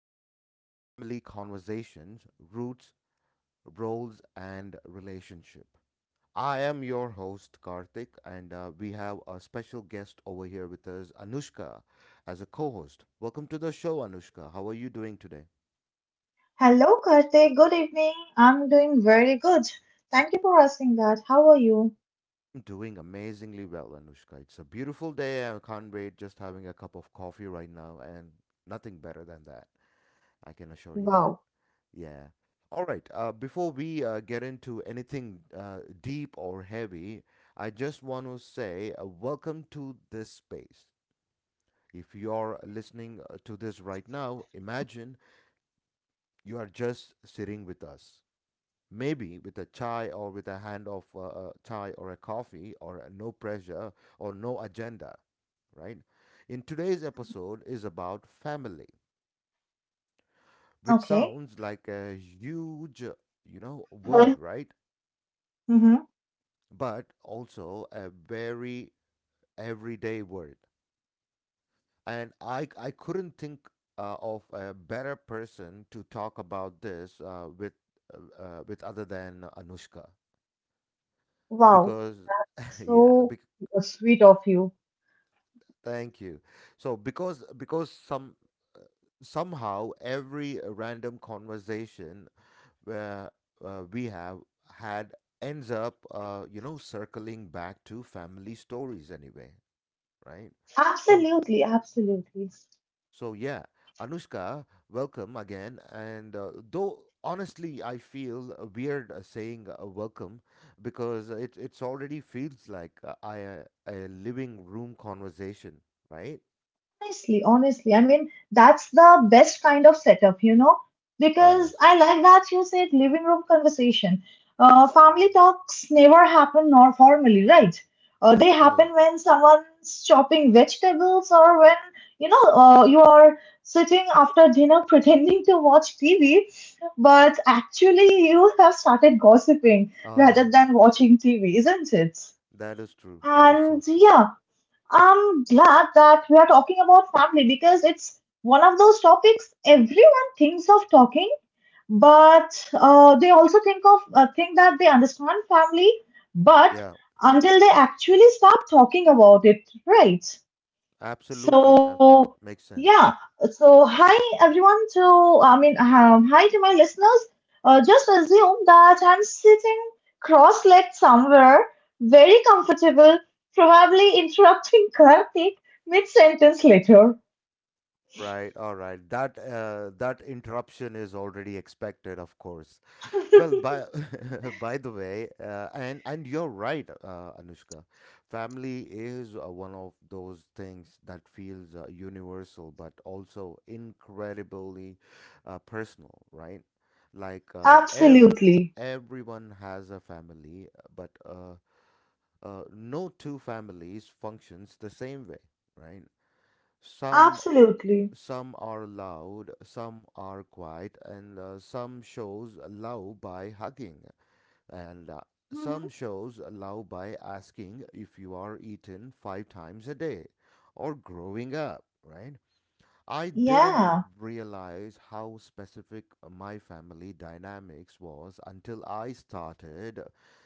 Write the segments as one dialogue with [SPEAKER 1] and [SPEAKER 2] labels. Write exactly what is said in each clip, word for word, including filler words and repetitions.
[SPEAKER 1] of uh, family conversations, roots, roles, and relationship. I am your host, Karthik, and uh, we have a special guest over here with us, Anushka, as a co host. Welcome to the show, Anushka. How are you doing today?
[SPEAKER 2] Hello, Karthik. Good evening. I'm doing very good. Thank you for asking that. How are you?
[SPEAKER 1] I'm doing amazingly well, Anushka. It's a beautiful day. I can't wait, just having a cup of coffee right now, and nothing better than that. I can assure you that.
[SPEAKER 2] Wow.
[SPEAKER 1] Yeah. All right. Uh, before we uh, get into anything uh, deep or heavy, I just want to say uh, welcome to this space. If you're listening uh, to this right now, imagine you are just sitting with us, maybe with a chai or with a hand of uh, a chai or a coffee, or a no pressure or no agenda, right? In today's episode is about family, which
[SPEAKER 2] Okay.
[SPEAKER 1] sounds like a huge, uh, you know, word, right?
[SPEAKER 2] Mm-hmm.
[SPEAKER 1] But also a very everyday word. And I, I couldn't think uh, of a better person to talk about this uh, with uh, uh, with other than Anushka
[SPEAKER 2] Wow.
[SPEAKER 1] because yeah,
[SPEAKER 2] So
[SPEAKER 1] bec
[SPEAKER 2] sweet of you.
[SPEAKER 1] thank you. So because because some somehow every random conversation where uh, we have had ends up uh, you know circling back to family stories anyway, right? So
[SPEAKER 2] Absolutely, absolutely.
[SPEAKER 1] So yeah, Anushka, welcome again. And uh, though honestly, I feel uh, weird uh, saying uh, welcome because it it's already feels like uh, I uh, a living room conversation, right?
[SPEAKER 2] Honestly, honestly, I mean, that's the best kind of setup, you know,
[SPEAKER 1] Oh,
[SPEAKER 2] because
[SPEAKER 1] yes.
[SPEAKER 2] I like that you said living room conversation. Uh, family
[SPEAKER 1] Mhm.
[SPEAKER 2] talks never happen nor formally, right? Uh, they
[SPEAKER 1] Oh, yeah.
[SPEAKER 2] happen when someone's chopping vegetables or when, you know, uh, you are sitting after dinner pretending to watch T V, but actually you have started gossiping
[SPEAKER 1] Uh-huh.
[SPEAKER 2] rather than watching T V, isn't it?
[SPEAKER 1] That is true. That is so
[SPEAKER 2] And
[SPEAKER 1] true.
[SPEAKER 2] yeah, I'm glad that we are talking about family because it's one of those topics everyone thinks of talking, but uh, they also think of uh, think that they understand family, but
[SPEAKER 1] Yeah,
[SPEAKER 2] until they actually start talking about it, right?
[SPEAKER 1] absolutely.
[SPEAKER 2] So,
[SPEAKER 1] Absolutely. Makes sense.
[SPEAKER 2] yeah. So, hi everyone. To I mean, um, hi to my listeners. Uh, just assume that I'm sitting cross-legged somewhere, very comfortable, probably interrupting Karthik mid-sentence later.
[SPEAKER 1] Right, all right. That uh that interruption is already expected, of course. Well, by by the way, uh, and and you're right, uh, Anushka. Family is uh, one of those things that feels uh, universal, but also incredibly uh, personal, right? Like uh, ev-
[SPEAKER 2] Absolutely,
[SPEAKER 1] everyone has a family, but uh, uh, no two families functions the same way, right? Some
[SPEAKER 2] absolutely.
[SPEAKER 1] some are loud, some are quiet, and uh, some shows love by hugging, and uh, some
[SPEAKER 2] Mhm.
[SPEAKER 1] shows allow by asking if you are eaten five times a day or growing up, right? I didn't
[SPEAKER 2] Yeah.
[SPEAKER 1] realize how specific my family dynamics was until I started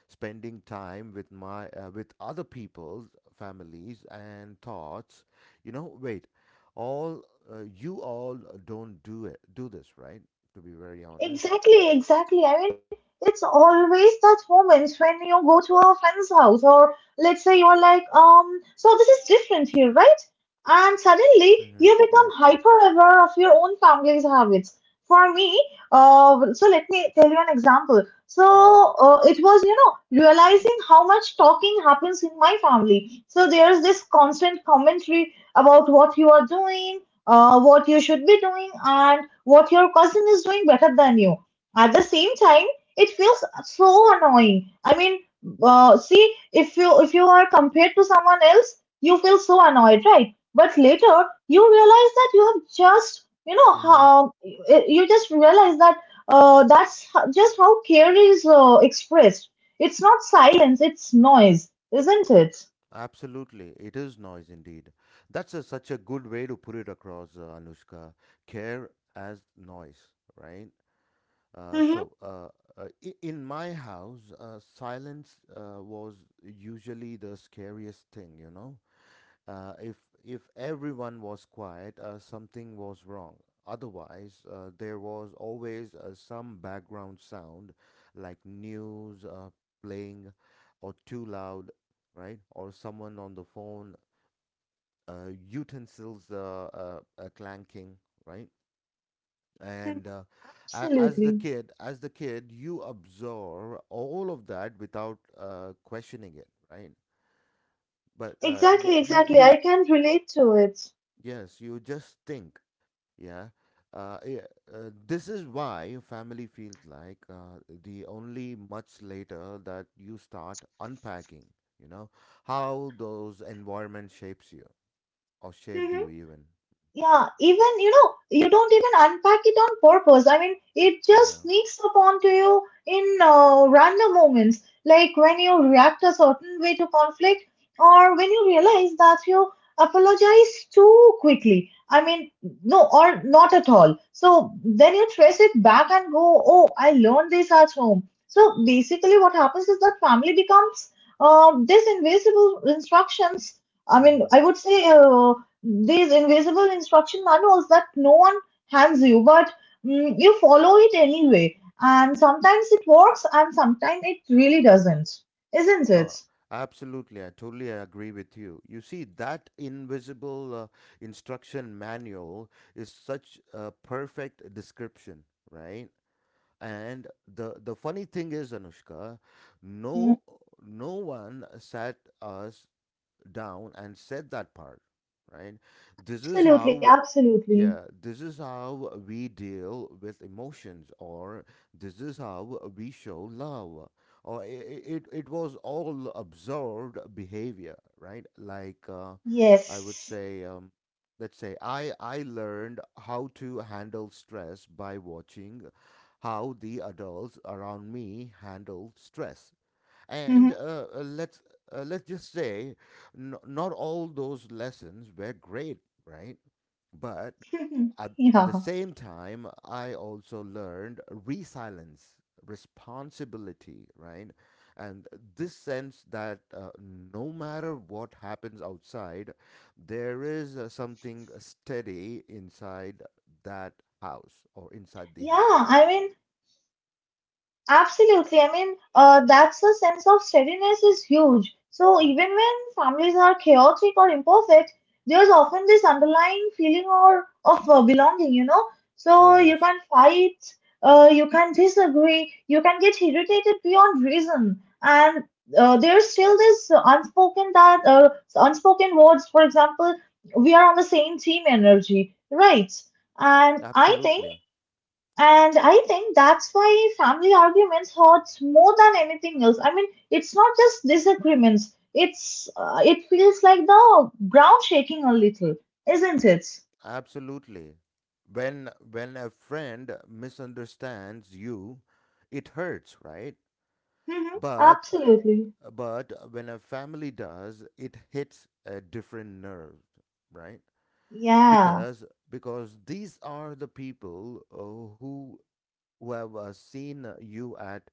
[SPEAKER 1] spending time with my uh, with other people's families and thoughts. You know, wait, all uh, you all don't do it do this, right? To be very honest.
[SPEAKER 2] Exactly, exactly. I mean, it's always that moments when you go to a friend's house, or let's say you're like, um, so this is different here, right? And suddenly
[SPEAKER 1] Mhm.
[SPEAKER 2] you become
[SPEAKER 1] Yeah.
[SPEAKER 2] hyper aware of your own family's habits. For me, uh, so let me tell you an example. So
[SPEAKER 1] Mhm.
[SPEAKER 2] uh, it was, you know, realizing how much talking happens in my family. So there's this constant commentary about what you are doing, uh, what you should be doing, and what your cousin is doing better than you. At the same time, it feels so annoying. I mean, uh, see, if you if you are compared to someone else, you feel so annoyed, right? But later, you realize that you have just you know
[SPEAKER 1] Mhm.
[SPEAKER 2] how you just realize that uh, that's ho- just how care is uh, expressed. It's not silence; it's noise, isn't it?
[SPEAKER 1] Absolutely, it is noise indeed. That's a, such a good way to put it across, uh, Anushka. Care as noise, right? Uh,
[SPEAKER 2] Mm-hmm.
[SPEAKER 1] so, uh, uh, I- in my house, uh, silence uh, was usually the scariest thing, you know? Uh, if if everyone was quiet, uh, something was wrong. Otherwise, uh, there was always uh, some background sound, like news uh, playing, or too loud, right? Or someone on the phone, uh, utensils uh, uh, uh, clanking, right? And uh, a- as the
[SPEAKER 2] Absolutely.
[SPEAKER 1] kid, as the kid, you absorb all of that without uh, questioning it, right? But uh, you,
[SPEAKER 2] Exactly,
[SPEAKER 1] you,
[SPEAKER 2] exactly. I
[SPEAKER 1] you,
[SPEAKER 2] can relate to it.
[SPEAKER 1] yes, you just think. Yeah. Uh, yeah, uh, this is why family feels like uh, the only much later that you start unpacking, you know, how those environment shapes you or shaped you even.
[SPEAKER 2] Yeah, even you know, you don't even unpack it on purpose. I mean, it just
[SPEAKER 1] Yeah.
[SPEAKER 2] sneaks up onto you in uh, random moments, like when you react a certain way to conflict, or when you realize that you apologize too quickly. I mean, no, or not at all. So then you trace it back and go, oh, I learned this at home. So basically, what happens is that family becomes uh, this invisible instructions. I mean,
[SPEAKER 1] Mm-hmm.
[SPEAKER 2] I would say uh, these invisible instruction manuals that no one hands you, but mm, you follow it anyway. And sometimes it works, and sometimes it really doesn't, isn't it?
[SPEAKER 1] No, absolutely. I totally agree with you. You see, that invisible uh, instruction manual is such a perfect description, right? And the the funny thing is, Anushka,
[SPEAKER 2] Mm,
[SPEAKER 1] no no one sat us down and said that part, right? this is
[SPEAKER 2] Absolutely,
[SPEAKER 1] how
[SPEAKER 2] absolutely.
[SPEAKER 1] Yeah, this is how we deal with emotions, or this is how we show love, or i- it it was all observed behavior, right? Like uh, i would
[SPEAKER 2] Yes.
[SPEAKER 1] say, um, let's say i i learned how to handle stress by watching how the adults around me handle stress. And
[SPEAKER 2] hmm
[SPEAKER 1] uh, uh, let's uh, let's just say, n- not all those lessons were great, right? But at, at the
[SPEAKER 2] yeah.
[SPEAKER 1] same time, I also learned resilience, responsibility, right? And this sense that uh, no matter what happens outside, there is uh, something steady inside that house, or inside the
[SPEAKER 2] Yeah,
[SPEAKER 1] house.
[SPEAKER 2] I mean, absolutely. I mean, uh, that's the sense of steadiness is huge. So
[SPEAKER 1] Hmm.
[SPEAKER 2] even when families are chaotic or imperfect, there's often this underlying feeling or of uh, belonging, you know.
[SPEAKER 1] Oh,
[SPEAKER 2] So you
[SPEAKER 1] yes.
[SPEAKER 2] can fight, uh, you can disagree, you can get irritated beyond reason, and uh, there's still this uh, unspoken that uh, unspoken words. For example, we are on the same team energy, right? And I think
[SPEAKER 1] Absolutely.
[SPEAKER 2] and I think that's why family arguments hurts more than anything else. I mean, it's not just disagreements. It's uh, it feels like the ground shaking a little, isn't it?
[SPEAKER 1] Absolutely. When when a friend misunderstands you, it hurts, right?
[SPEAKER 2] hmm
[SPEAKER 1] But
[SPEAKER 2] Absolutely.
[SPEAKER 1] uh, but when a family does, it hits a different nerve, right?
[SPEAKER 2] Yeah.
[SPEAKER 1] Because because these are the people uh, who who have uh, seen you at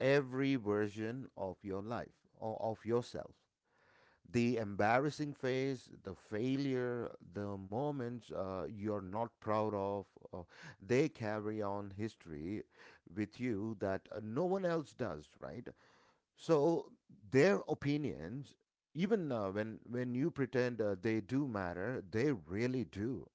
[SPEAKER 1] every version of your life, or of yourself: the embarrassing phase, the failure, the moments uh, you're not proud of. uh, they carry on history with you that uh, no one else does, right? So their opinions, even uh, when when you pretend, uh, they do matter, they really do.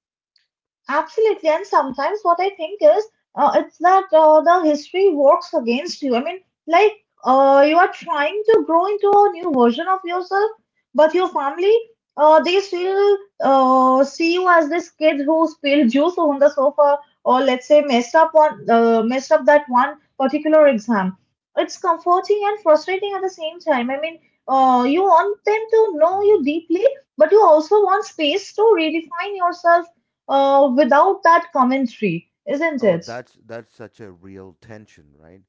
[SPEAKER 2] Absolutely, and sometimes what I think is uh, it's that uh, the history works against you. I mean, like uh, you are trying to grow into a new version of yourself, but your family uh, they still uh, see you as this kid who spilled juice on the sofa or let's say messed up one uh, messed up that one particular exam. It's comforting and frustrating at the same time. I mean, uh, you want them to know you
[SPEAKER 1] Hmm.
[SPEAKER 2] deeply, but you also want space to redefine yourself uh, without that commentary, isn't
[SPEAKER 1] Oh,
[SPEAKER 2] it?
[SPEAKER 1] that's that's such a real tension, right?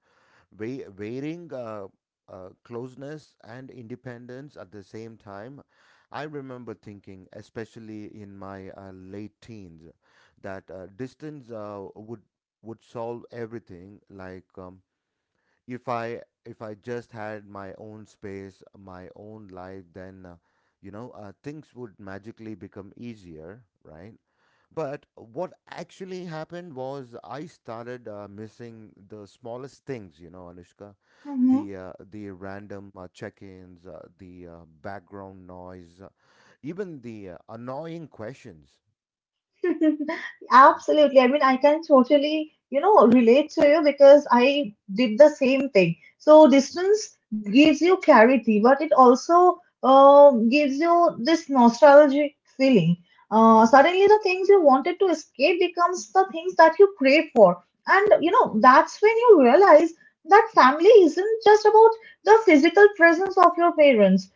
[SPEAKER 1] Wei wearing uh, uh, closeness and independence at the same time. I remember thinking, especially in my uh, late teens, that uh, distance uh, would would solve everything. Like um, if I if I just had my own space, my own life, then uh, you know uh, things would magically become easier, right? But what actually happened was I started uh, missing the smallest things, you know, Anushka,
[SPEAKER 2] Mhm.
[SPEAKER 1] the uh, the random uh, check-ins, uh, the uh, background noise, uh, even the uh, annoying questions. Mm-hmm.
[SPEAKER 2] Absolutely. I mean, I can totally, you know, relate to you because I did the same thing. So distance gives you clarity, but it also uh, gives you this nostalgic feeling. Uh,
[SPEAKER 1] Mm-hmm.
[SPEAKER 2] suddenly, the things you wanted to escape becomes the things that you crave for, and you
[SPEAKER 1] Of
[SPEAKER 2] know
[SPEAKER 1] course.
[SPEAKER 2] that's when you realize that family isn't just about the physical presence of your parents.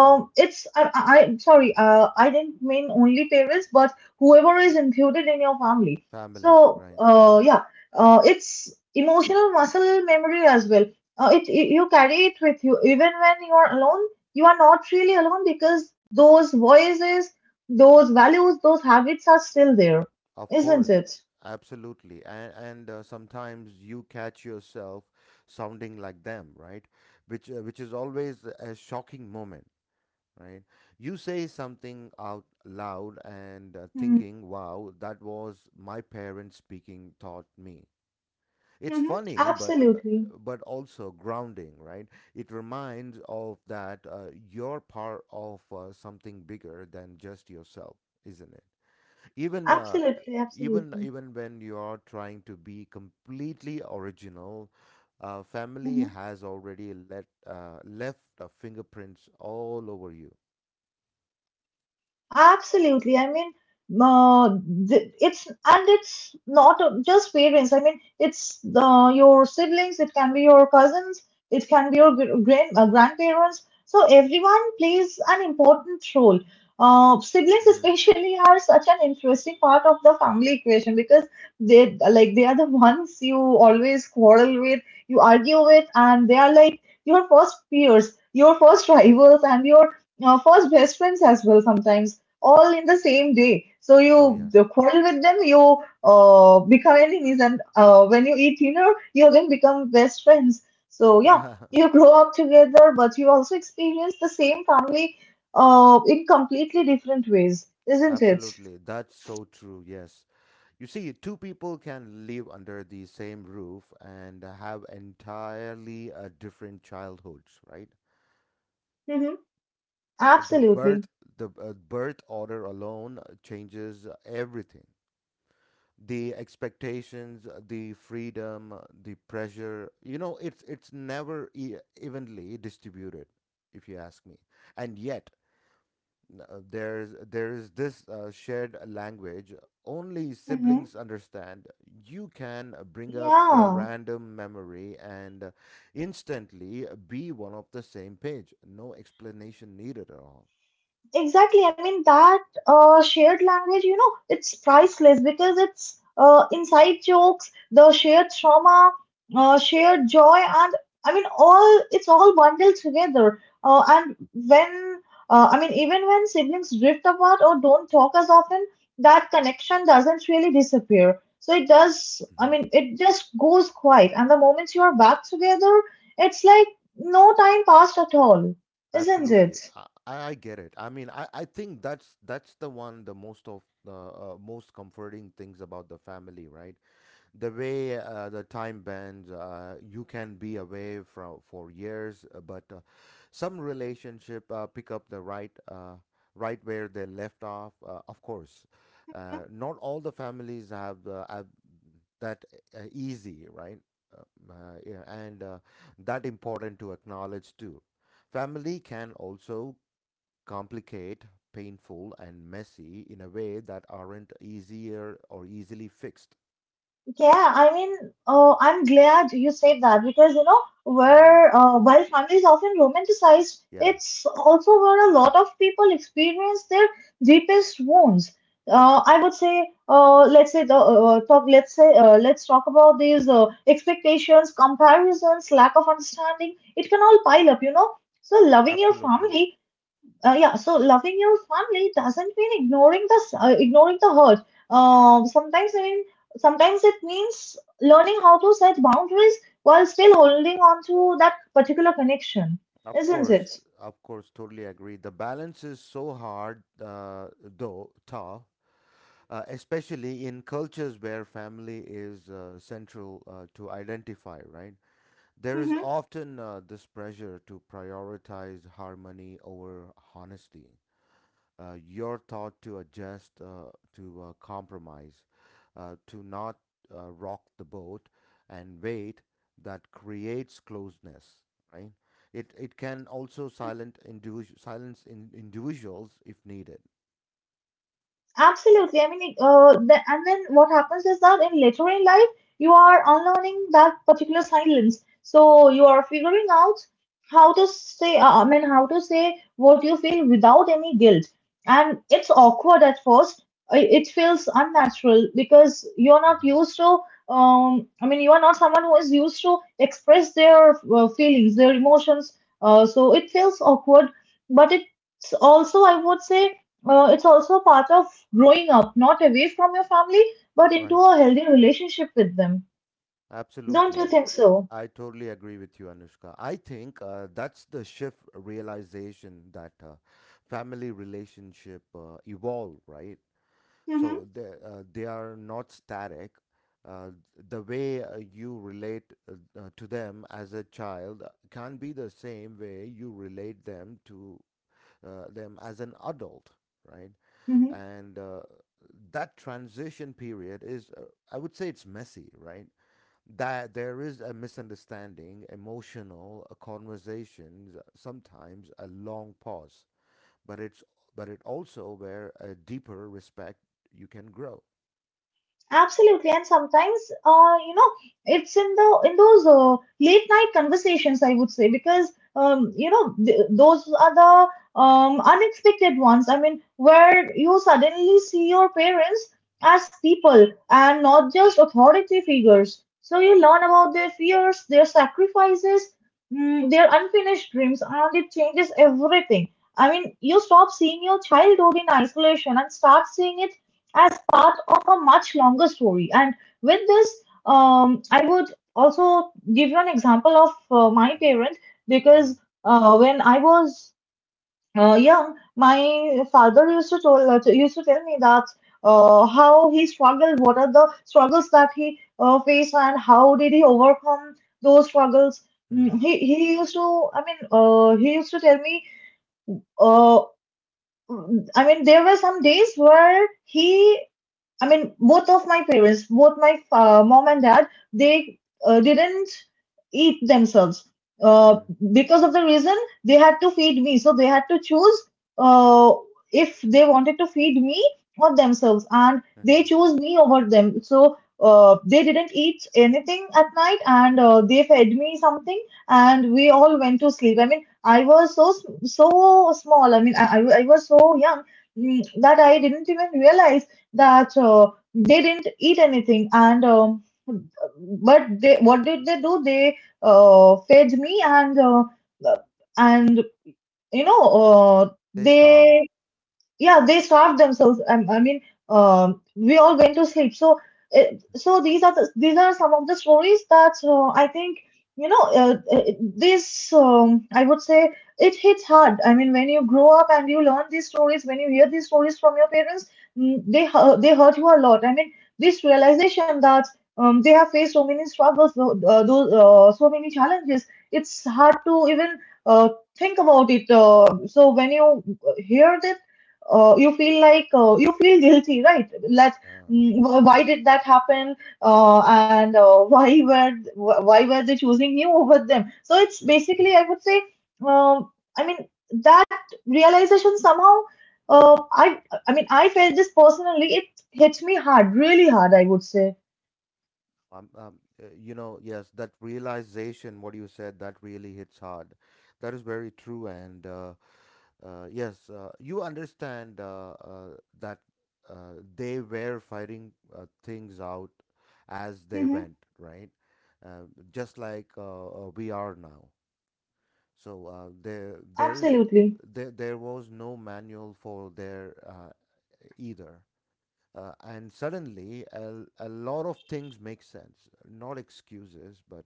[SPEAKER 1] Hmm.
[SPEAKER 2] it's I, I I- sorry, uh, I didn't mean only parents, but whoever is included in your family.
[SPEAKER 1] Family,
[SPEAKER 2] So,
[SPEAKER 1] right? Mhm.
[SPEAKER 2] uh, yeah, uh, it's emotional muscle memory as well. Uh, it, it You carry it with you even when you are alone. You are not really alone because those voices, those values, those habits are still there,
[SPEAKER 1] Of course,
[SPEAKER 2] isn't it?
[SPEAKER 1] absolutely. And and uh, sometimes you catch yourself sounding like them, right? Which uh, which is always a shocking moment. Right? You say something out loud and uh, thinking, wow, that was my parents speaking taught me. It's
[SPEAKER 2] Mm-hmm.
[SPEAKER 1] funny, but uh,
[SPEAKER 2] Absolutely,
[SPEAKER 1] but also grounding, right? It reminds of that uh, you're part of uh, something bigger than just yourself, isn't it? Even uh,
[SPEAKER 2] absolutely,
[SPEAKER 1] even
[SPEAKER 2] absolutely.
[SPEAKER 1] even when you're trying to be completely original, uh, family has already let uh, left uh, fingerprints all over you.
[SPEAKER 2] Absolutely. I mean, uh, th- it's and it's not uh, just parents. I mean, it's uh, your siblings. It can be your cousins. It can be your gr- grand uh, grandparents. So everyone plays an important role. Uh, siblings
[SPEAKER 1] Mm-hmm.
[SPEAKER 2] especially are such an interesting part of the family equation because they like they are the ones you always quarrel with, you argue with, and they are like your first peers, your first rivals, and your uh, first best friends as well sometimes all in the same day. So
[SPEAKER 1] Oh,
[SPEAKER 2] you
[SPEAKER 1] yes.
[SPEAKER 2] the quarrel with them, you uh, become enemies, and uh, when you eat dinner, you again become best friends. So yeah, you grow up together, but you also experience the same family uh, in completely different ways, isn't it?
[SPEAKER 1] Absolutely. That's so true. Yes. You see, two people can live under the same roof and have entirely uh, different childhoods, right?
[SPEAKER 2] Mm-hmm.
[SPEAKER 1] The
[SPEAKER 2] Absolutely.
[SPEAKER 1] birth the uh, birth order alone changes everything. The expectations, the freedom, the pressure, you know, it's it's never e evenly distributed, if you ask me. And yet, N- uh, There's there is this uh, shared language only
[SPEAKER 2] Mm-hmm.
[SPEAKER 1] siblings understand. You can uh, bring up the
[SPEAKER 2] Yeah.
[SPEAKER 1] random memory and uh, instantly be one of the same page. No explanation needed at all.
[SPEAKER 2] Exactly. I mean, that uh, shared language, you know, it's priceless because it's uh, inside jokes, the shared trauma, uh, shared joy, and I mean, all it's all bundled together. Uh, and when, uh, I mean, even when siblings drift apart or don't talk as often, that connection doesn't really disappear. So it does, I
[SPEAKER 1] Mhm.
[SPEAKER 2] mean, it just goes quiet. And the moment you are back together, it's like no time passed at all, isn't
[SPEAKER 1] Absolutely.
[SPEAKER 2] it?
[SPEAKER 1] I, I I get it. I mean, I, I think that's that's the one the most of the uh, most comforting things about the family, right? The way uh, the time bends, uh, you can be away from for years, uh, but uh, some relationship uh, pick up the right uh, right where they left off. Uh, of course, uh, not all the families have, uh, have that uh, easy, right? Uh, uh, yeah, and uh, that important to acknowledge too. Family can also complicate, painful, and messy in a way that aren't easier or easily fixed.
[SPEAKER 2] Yeah, I mean, uh, I'm glad you said that because you know,
[SPEAKER 1] Hmm.
[SPEAKER 2] where uh, while family is often romanticized,
[SPEAKER 1] Yeah.
[SPEAKER 2] it's also where a lot of people experience their deepest wounds. Uh,
[SPEAKER 1] Mm.
[SPEAKER 2] I would say, uh, let's say the uh, talk. Let's say, uh, let's talk about these uh, expectations, comparisons, lack of understanding. It can all pile up, you know. So loving your
[SPEAKER 1] Absolutely.
[SPEAKER 2] family uh, yeah, so loving your family doesn't mean ignoring the uh, ignoring the hurt.
[SPEAKER 1] Mm.
[SPEAKER 2] Um, sometimes I mean, Sometimes it means learning how to set boundaries while still holding on to that particular connection,
[SPEAKER 1] Of
[SPEAKER 2] isn't it?
[SPEAKER 1] course, of course, totally agree. The balance is so hard, uh, though, tough, uh, especially in cultures where family is uh, central uh, to identify, right? There is often uh, this pressure to prioritize harmony over honesty. Uh, your thought to adjust, uh, to uh, compromise, uh, to not uh, rock the boat, and wait that creates closeness, right? It, it can also silent individu- silence in individuals if needed.
[SPEAKER 2] Absolutely. I mean, uh, the, and then what happens is that in later in life, you are unlearning that particular silence. So you are figuring out how to say, uh, I mean, how to say what you feel without any guilt. And it's awkward at first. I- It feels unnatural because you're not
[SPEAKER 1] Mm-hmm.
[SPEAKER 2] used to, um, I mean, you are not someone who is used to express their uh, feelings, their emotions. Uh, so it feels awkward, but it it's also, I would say, uh, it's also part of growing up, not away from your family, but into
[SPEAKER 1] Right.
[SPEAKER 2] a healthy relationship with them. Don't you
[SPEAKER 1] Absolutely.
[SPEAKER 2] think so?
[SPEAKER 1] I totally agree with you, Anushka. I think uh, that's the shift realization that uh, family relationship uh, evolve, right?
[SPEAKER 2] Mm-hmm.
[SPEAKER 1] So they, uh, they are not static. Uh, the way uh, you relate uh, uh, to them as a child can be the same way you relate them to uh, them as an adult, right? And uh, that transition period is, uh, I would say, it's messy, right? That there is a misunderstanding, emotional uh, conversations, uh, sometimes a long pause, but it's but it also where a deeper respect you can grow.
[SPEAKER 2] Absolutely, and sometimes, uh, you know, it's in the in those uh, late night conversations, I would say, because um, you know, th- those are the um, unexpected ones. I mean, where you suddenly see your parents as people and not just authority figures. So you learn about their fears, their sacrifices, mm, their unfinished dreams, and it changes everything. I mean, you stop seeing your childhood in isolation and start seeing it as part of a much longer story. And with this, um, I would also give you an example of uh, my
[SPEAKER 1] Mhm,
[SPEAKER 2] parents because
[SPEAKER 1] mhm,
[SPEAKER 2] uh, when I was uh, young, my father used to tell uh, used to tell me that uh, how he struggled, what are the struggles that he uh, faced, and how did he overcome those struggles. Mm,
[SPEAKER 1] mhm,
[SPEAKER 2] He he used to, I mean, uh, he used to tell me uh, I mean, there were some days where he I mean, both of my parents, both my uh, mom and dad, they uh, didn't eat themselves. Uh,
[SPEAKER 1] mhm,
[SPEAKER 2] because of the reason, they had to feed me. So they had to choose uh, if they wanted to feed me or themselves. And they
[SPEAKER 1] mhm.
[SPEAKER 2] chose me over them. So uh, they didn't eat anything at night and uh, they fed me something and we all went to sleep. I mean, I was so, s- so small. I mean, I, I I was so young mm, that I didn't even realize that uh, they didn't eat anything. And um, But they, what did they do? They uh, fed me. And uh, and you know uh,
[SPEAKER 1] They starved.
[SPEAKER 2] they yeah they starve themselves. um, I mean, um, we all went to sleep. so uh, so these are the, these are some of the stories that uh, I think, you know uh, uh, this um, I would say, it hits hard. I mean, when you grow up and you learn these stories, when you hear these stories from your parents, mm, they hu- they hurt you a lot. I mean, this realization that um, they have faced so many struggles, tho- uh, those uh, so many challenges, it's hard to even uh, think about it. Uh, so when you uh, hear the uh, you feel like, uh, you feel guilty, right? Like,
[SPEAKER 1] Yeah.
[SPEAKER 2] mm, wh- why did that happen? Uh, and uh, Why were wh- why were they choosing you over them? So it's
[SPEAKER 1] Mhm.
[SPEAKER 2] basically, I would say, um, I mean, that realization somehow, uh, I I mean, I felt this personally. It hit me hard, really hard, I would say.
[SPEAKER 1] Um, um, uh, you know, yes, that realization, what you said, that really hits hard. That is very true. And uh, uh, yes, uh, you understand uh, uh, that uh, they were fighting uh, things out as they
[SPEAKER 2] Mm-hmm.
[SPEAKER 1] went, right? Uh, just like uh, uh, we are now. So uh, there, there is,
[SPEAKER 2] Absolutely.
[SPEAKER 1] there, there was no manual for their uh, either. Uh, and suddenly, a, a lot of things make sense. Not excuses, but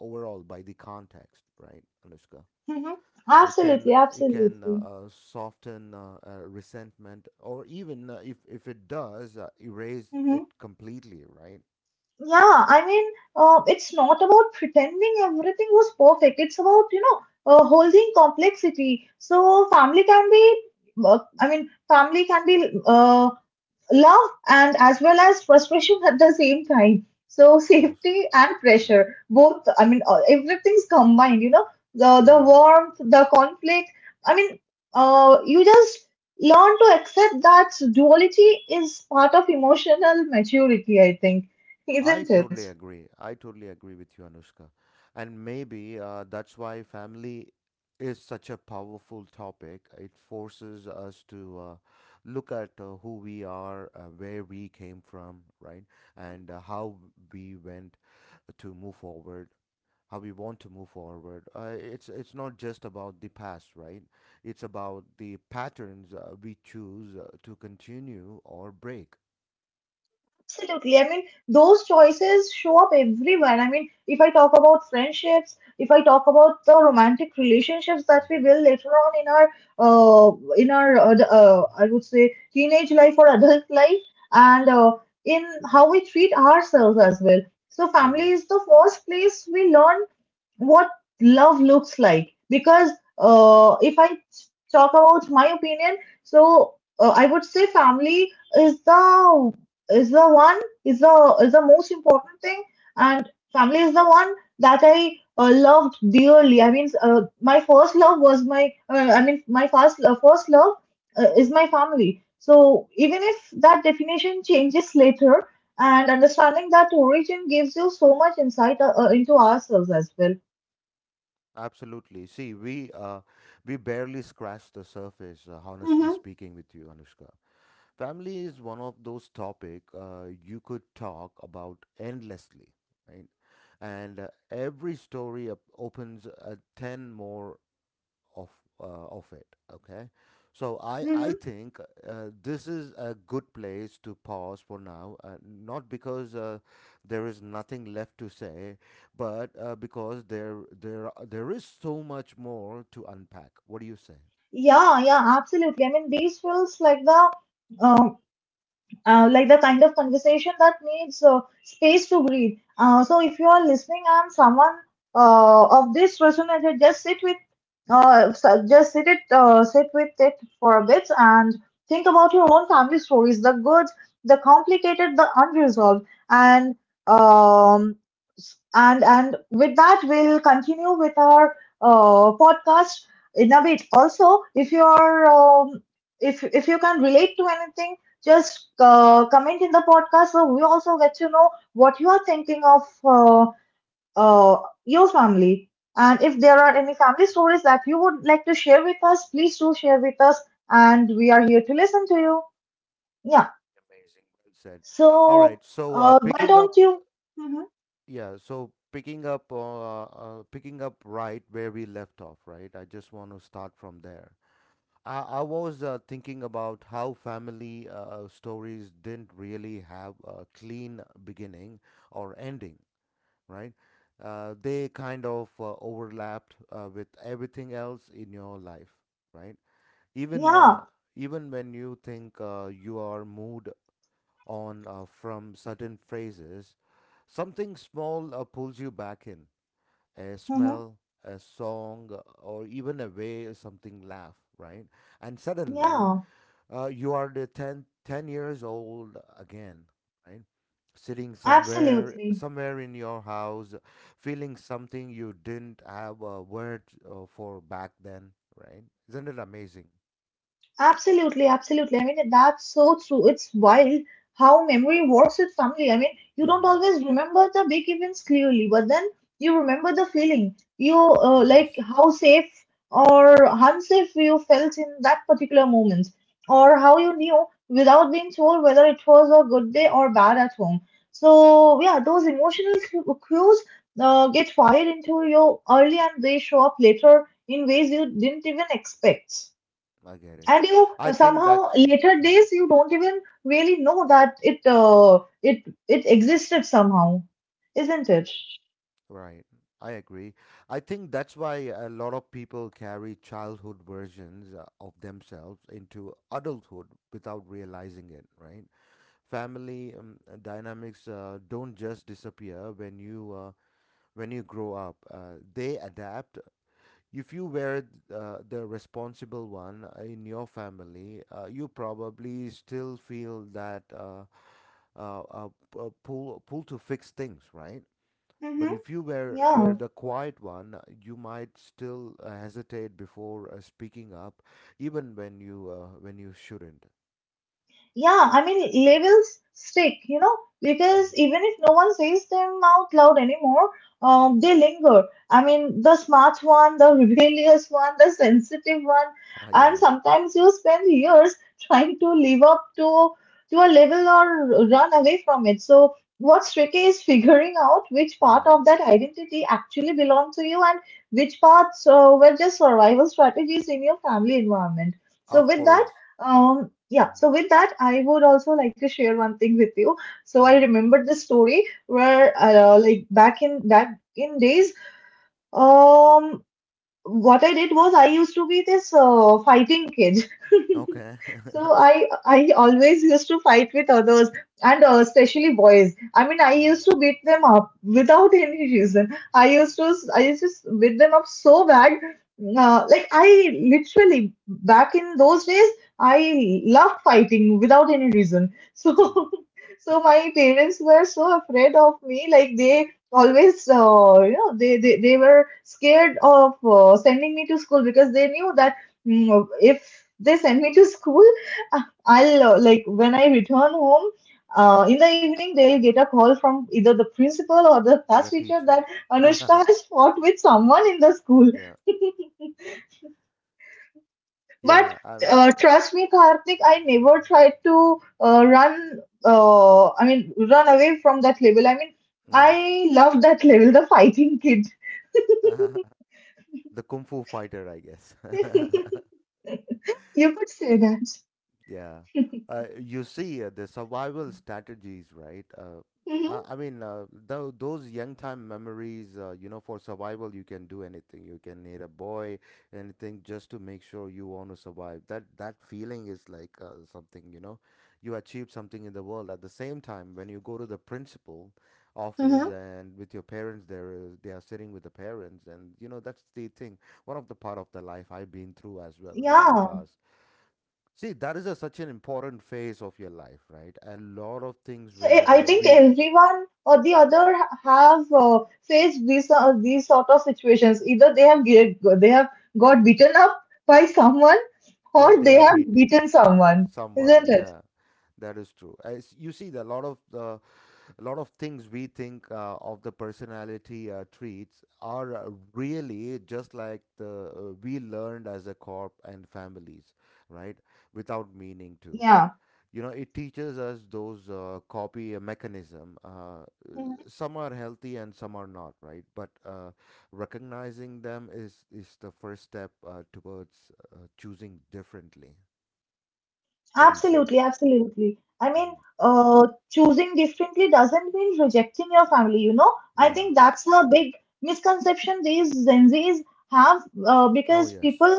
[SPEAKER 1] overall by the context, right, Anushka?
[SPEAKER 2] Mm-hmm.
[SPEAKER 1] It
[SPEAKER 2] Absolutely,
[SPEAKER 1] can it can uh,
[SPEAKER 2] absolutely.
[SPEAKER 1] uh, soften uh, uh, resentment, or even uh, if if it does, uh, erase it completely, right? Mhm.
[SPEAKER 2] Yeah, I mean, uh, it's not about pretending everything was perfect. It's about, you know, uh, holding complexity. So family can be, uh, I mean, family can be uh, love and as well as frustration at the same time. So
[SPEAKER 1] Of course,
[SPEAKER 2] safety and
[SPEAKER 1] yeah,
[SPEAKER 2] pressure, both. I mean, uh, everything's combined. You know, the the
[SPEAKER 1] yeah.
[SPEAKER 2] warmth, the conflict. I mean, uh, you just learn to accept that duality is part of emotional maturity, I think,
[SPEAKER 1] I
[SPEAKER 2] isn't it?
[SPEAKER 1] totally agree. I totally agree with you, Anushka. And maybe uh, that's why family is such a powerful topic. It forces us to uh, look at uh, who we are, uh, where we came from, right? And uh, how we went to move forward. How we want to move forward. Uh, it's it's not just about the past, right? It's about the patterns uh, we choose uh, to continue or break.
[SPEAKER 2] Absolutely. I mean, those choices show up everywhere. I mean, if I talk about friendships, if I talk about the romantic relationships that we
[SPEAKER 1] Hmm.
[SPEAKER 2] build later on in our, uh, in our, uh, the- uh, I would say, teenage life or adult life, and uh, in how we treat ourselves as well. So,
[SPEAKER 1] Oh
[SPEAKER 2] family is
[SPEAKER 1] yes.
[SPEAKER 2] the first place we learn what love looks like. Because uh, if I talk about my opinion, so uh, I would say family is the, is the one is the, is the most important thing. And family is the one that I uh, loved dearly. I mean, uh, my first love was my, uh, i mean my first, uh, first love uh, is my family. So even if that definition changes later, and understanding that origin gives you so much insight uh, uh, into ourselves as well.
[SPEAKER 1] Absolutely. See, we uh, we barely scratched the surface, uh, honestly
[SPEAKER 2] Mm-hmm,
[SPEAKER 1] speaking with you, Anushka. Family is one of those topic uh, you could talk about endlessly, right? And uh, every story op- opens uh, ten more of uh, of it. Okay, so i i
[SPEAKER 2] mm-hmm.
[SPEAKER 1] think uh, this is a good place to pause for now, uh, not because uh, there is nothing left to say, but uh, because there there there is so much more to unpack. What do you say?
[SPEAKER 2] Yeah, yeah, absolutely. I mean, these feels like the um, uh, like the kind of conversation that needs uh, space to breathe. Uh, so if you are listening and someone uh, of this resonated, just sit with, uh, so- just sit it, uh, sit with it for a bit and think about your own family stories, the good, the complicated, the unresolved, and um, s- and and with that, we'll continue with our uh, podcast in a bit. Also, if you are um, if if you can relate to anything, just uh, comment in the podcast so we also get to know what you are thinking of uh, uh, your family. And if there are any family stories that you would like to share with us, please do share with us. And we are here to listen to you. Yeah.
[SPEAKER 1] Amazing. Well said. All
[SPEAKER 2] So,
[SPEAKER 1] right, so uh,
[SPEAKER 2] uh, why
[SPEAKER 1] picking
[SPEAKER 2] don't
[SPEAKER 1] up.
[SPEAKER 2] you? Mhm.
[SPEAKER 1] Yeah, so picking up uh, uh, picking up right where we left off, right? I just want to start from there. I, I was uh, thinking about how family uh, stories didn't really have a clean beginning or ending, right? Uh, they kind of uh, overlapped uh, with everything else in your life, right? Even uh,
[SPEAKER 2] Yeah.
[SPEAKER 1] Even when you think uh, you are moved on uh, from certain phrases, something small uh, pulls you back in. A
[SPEAKER 2] Hmm.
[SPEAKER 1] smell, a song, or even a way something laugh, right? And suddenly,
[SPEAKER 2] Yeah.
[SPEAKER 1] uh, you are the ten ten years old again, right? Sitting somewhere,
[SPEAKER 2] Absolutely.
[SPEAKER 1] somewhere in your house, feeling something you didn't have a word uh, for back then, right? Isn't it amazing?
[SPEAKER 2] Absolutely, absolutely. I mean, that's so true. It's wild how memory works with family. I mean, you don't
[SPEAKER 1] Hmm.
[SPEAKER 2] always remember the big events clearly, but then you remember the feeling. You,
[SPEAKER 1] Oh
[SPEAKER 2] uh, like
[SPEAKER 1] yes,
[SPEAKER 2] how safe or unsafe you felt in that particular moment, or how you knew without being told whether it was a good day or bad at home. So, yeah, those emotional cu- cues uh, get fired into you early and they show up later in ways you didn't even expect.
[SPEAKER 1] I get it.
[SPEAKER 2] And you uh,
[SPEAKER 1] I think
[SPEAKER 2] somehow
[SPEAKER 1] that's,
[SPEAKER 2] later
[SPEAKER 1] mhm,
[SPEAKER 2] days you don't even really know that it uh, it it existed somehow, isn't it?
[SPEAKER 1] right. I agree. I think that's why a lot of people carry childhood versions uh, of themselves into adulthood without realizing it, right? Family um, uh, dynamics uh, don't just disappear when you uh, when you grow up. Uh, they adapt. If you were uh, the responsible one in your family, uh, you probably still feel that uh, uh, uh, p- uh, pull pull to fix things, right? But
[SPEAKER 2] Mm-hmm.
[SPEAKER 1] if you were were
[SPEAKER 2] Yeah.
[SPEAKER 1] the quiet one, uh, you might still uh, hesitate before uh, speaking up, even when you uh, when you shouldn't.
[SPEAKER 2] Yeah, I mean, labels stick, you know, because
[SPEAKER 1] Mhm.
[SPEAKER 2] even if no one says them out loud anymore, um, they linger. I mean, the smart one, the rebellious one, the sensitive one,
[SPEAKER 1] Ah,
[SPEAKER 2] and
[SPEAKER 1] yeah.
[SPEAKER 2] sometimes you spend years trying to live up to to a level or run away from it. So what's tricky is figuring out which part
[SPEAKER 1] Mm-hmm.
[SPEAKER 2] of that identity actually belonged to you and which parts uh, were just survival strategies in your family environment. So
[SPEAKER 1] Of
[SPEAKER 2] with that.
[SPEAKER 1] course.
[SPEAKER 2] Um, yeah, so with that, I would also like to share one thing with you. So I
[SPEAKER 1] Mhm.
[SPEAKER 2] remembered this story where, uh, like back in back in days, um, what I did was I used to be this uh, fighting kid.
[SPEAKER 1] Okay.
[SPEAKER 2] So I I always used to fight with others, and uh, especially boys. I mean, I
[SPEAKER 1] Mhm.
[SPEAKER 2] used to beat them up without any reason. I used to I used to beat them up so bad. Uh, like, I literally, back in those days, I loved fighting without any reason. So
[SPEAKER 1] Mhm.
[SPEAKER 2] so my parents were so afraid of me. Like, they always, uh, you know, they, they they were scared of uh, sending me to school because they knew that, mm, if they send me to school, uh, I'll, uh, like, when I return home uh, in the evening, they'll get a call from either the principal or the
[SPEAKER 1] Or
[SPEAKER 2] class
[SPEAKER 1] the
[SPEAKER 2] teacher
[SPEAKER 1] teacher.
[SPEAKER 2] that Anushka has fought with someone in the school.
[SPEAKER 1] Yeah.
[SPEAKER 2] But
[SPEAKER 1] Yeah. I
[SPEAKER 2] uh,
[SPEAKER 1] mean,
[SPEAKER 2] trust me, Karthik, I never tried to uh, run, uh, i mean run away from that label. I mean,
[SPEAKER 1] mhm.
[SPEAKER 2] I love that label, the fighting kid.
[SPEAKER 1] The kung fu fighter, I guess.
[SPEAKER 2] You could say that.
[SPEAKER 1] Yeah. Uh, you see, uh, the survival strategies, right? Uh,
[SPEAKER 2] Hmm.
[SPEAKER 1] I, I mean, uh, tho- those young time memories, uh, you know, for survival, you can do anything. You can hit a boy, anything, just to make sure you want to survive. That that feeling is like uh, something, you know, you achieved something in the world. At the same time, when you go to the principal office
[SPEAKER 2] Hmm.
[SPEAKER 1] and with your parents, there is they are sitting with the parents, and you know, that's the thing. One of the part of the life I've been through as well in my
[SPEAKER 2] Yeah.
[SPEAKER 1] past. See, that is a, such an important phase of your life, right? A lot of things
[SPEAKER 2] So I
[SPEAKER 1] where
[SPEAKER 2] I
[SPEAKER 1] uh,
[SPEAKER 2] think
[SPEAKER 1] we
[SPEAKER 2] everyone or the other have uh, faced these, uh, these sort of situations. Either they have get, they have got beaten up by someone,
[SPEAKER 1] or
[SPEAKER 2] or
[SPEAKER 1] they
[SPEAKER 2] they
[SPEAKER 1] are
[SPEAKER 2] have
[SPEAKER 1] beat
[SPEAKER 2] beaten someone,
[SPEAKER 1] someone.
[SPEAKER 2] isn't it?
[SPEAKER 1] Yeah, that is true. As you see, the lot of the a lot of things we think uh, of the personality uh, traits are uh, really just like the uh, we learned as a corp and families, right? Without meaning to.
[SPEAKER 2] Yeah.
[SPEAKER 1] You know, it teaches us those uh, copy mechanism. Uh, some are healthy and some are not, right? But uh, recognizing them is is the first step uh, towards uh, choosing differently. What do you say?
[SPEAKER 2] Absolutely, absolutely. I mean,
[SPEAKER 1] Hmm.
[SPEAKER 2] uh, choosing differently doesn't mean rejecting your family, you know? I
[SPEAKER 1] Yeah.
[SPEAKER 2] think that's a big misconception these Gen Zs have, uh,
[SPEAKER 1] Oh
[SPEAKER 2] because
[SPEAKER 1] yes.
[SPEAKER 2] people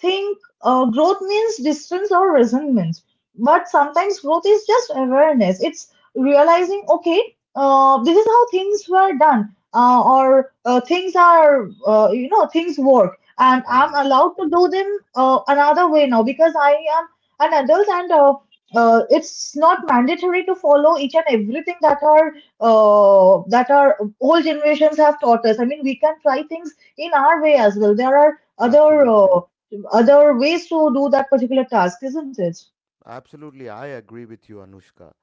[SPEAKER 2] think uh, growth means distance or resentment. But sometimes growth is just awareness. It's realizing, okay, uh, this is how things were done, uh, or uh, things are, uh, you know, things work. And
[SPEAKER 1] Oh
[SPEAKER 2] I'm
[SPEAKER 1] yeah.
[SPEAKER 2] allowed to do them uh, another way now because I am an adult. And uh, uh, It's not mandatory to follow each and everything that our, uh, that our old generations have taught us. I mean, we can try things in our way as well. There are other, uh,
[SPEAKER 1] Absolutely.
[SPEAKER 2] other ways to do that particular task, isn't it?
[SPEAKER 1] Absolutely. I agree with you, Anushka.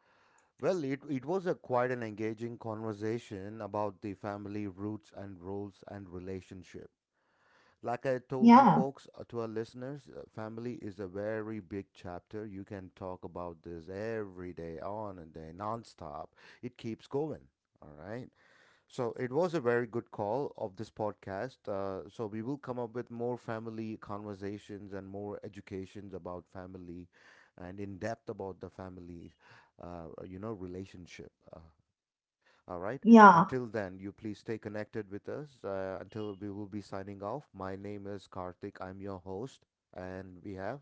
[SPEAKER 1] Well, it it was a quite an engaging conversation about the family roots and roles and relationship. Like I told you
[SPEAKER 2] Yeah.
[SPEAKER 1] folks, uh, to our listeners, uh, family is a very big chapter. You can talk about this every day, on and day, nonstop. It keeps going. All right. So it was a very good call of this podcast. Uh, so we will come up with more family conversations and more educations about family and in depth about the family, uh, you know, relationship. Uh, all right.
[SPEAKER 2] Yeah.
[SPEAKER 1] Until then, you please stay connected with us uh, until we will be signing off. My name is Karthik. I'm your host. And we have.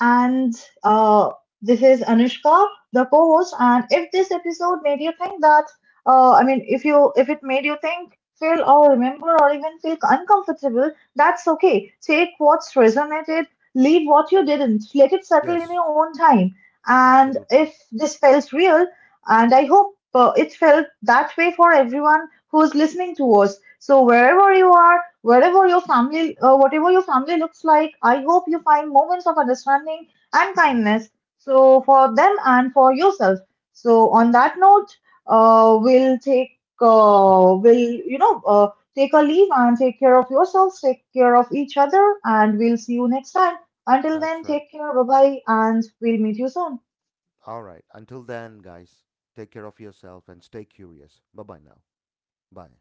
[SPEAKER 2] And uh, this is Anushka, the co-host. And if this episode made you think that, uh, I mean, if you, if it made you think, feel,
[SPEAKER 1] Mm.
[SPEAKER 2] or remember, or even feel uncomfortable, that's okay. Take what's resonated, leave what you didn't, let it settle in
[SPEAKER 1] Yes,
[SPEAKER 2] your own time. And if
[SPEAKER 1] absolutely.
[SPEAKER 2] this felt real, and I hope uh, it felt that way for everyone who's listening to us. So wherever you are, wherever your family, uh, whatever your family looks like, I hope you find moments of understanding and
[SPEAKER 1] Hmm.
[SPEAKER 2] kindness. So for them and for yourself. So on that note, uh, we'll take, uh, we'll, you know, uh, take a leave and take care of yourselves, take care of each other, and we'll see you next time. Until then,
[SPEAKER 1] That's right.
[SPEAKER 2] take care. Bye bye, and we'll meet you soon.
[SPEAKER 1] All right. Until then, guys, take care of yourself and stay curious. Bye bye now. Bye.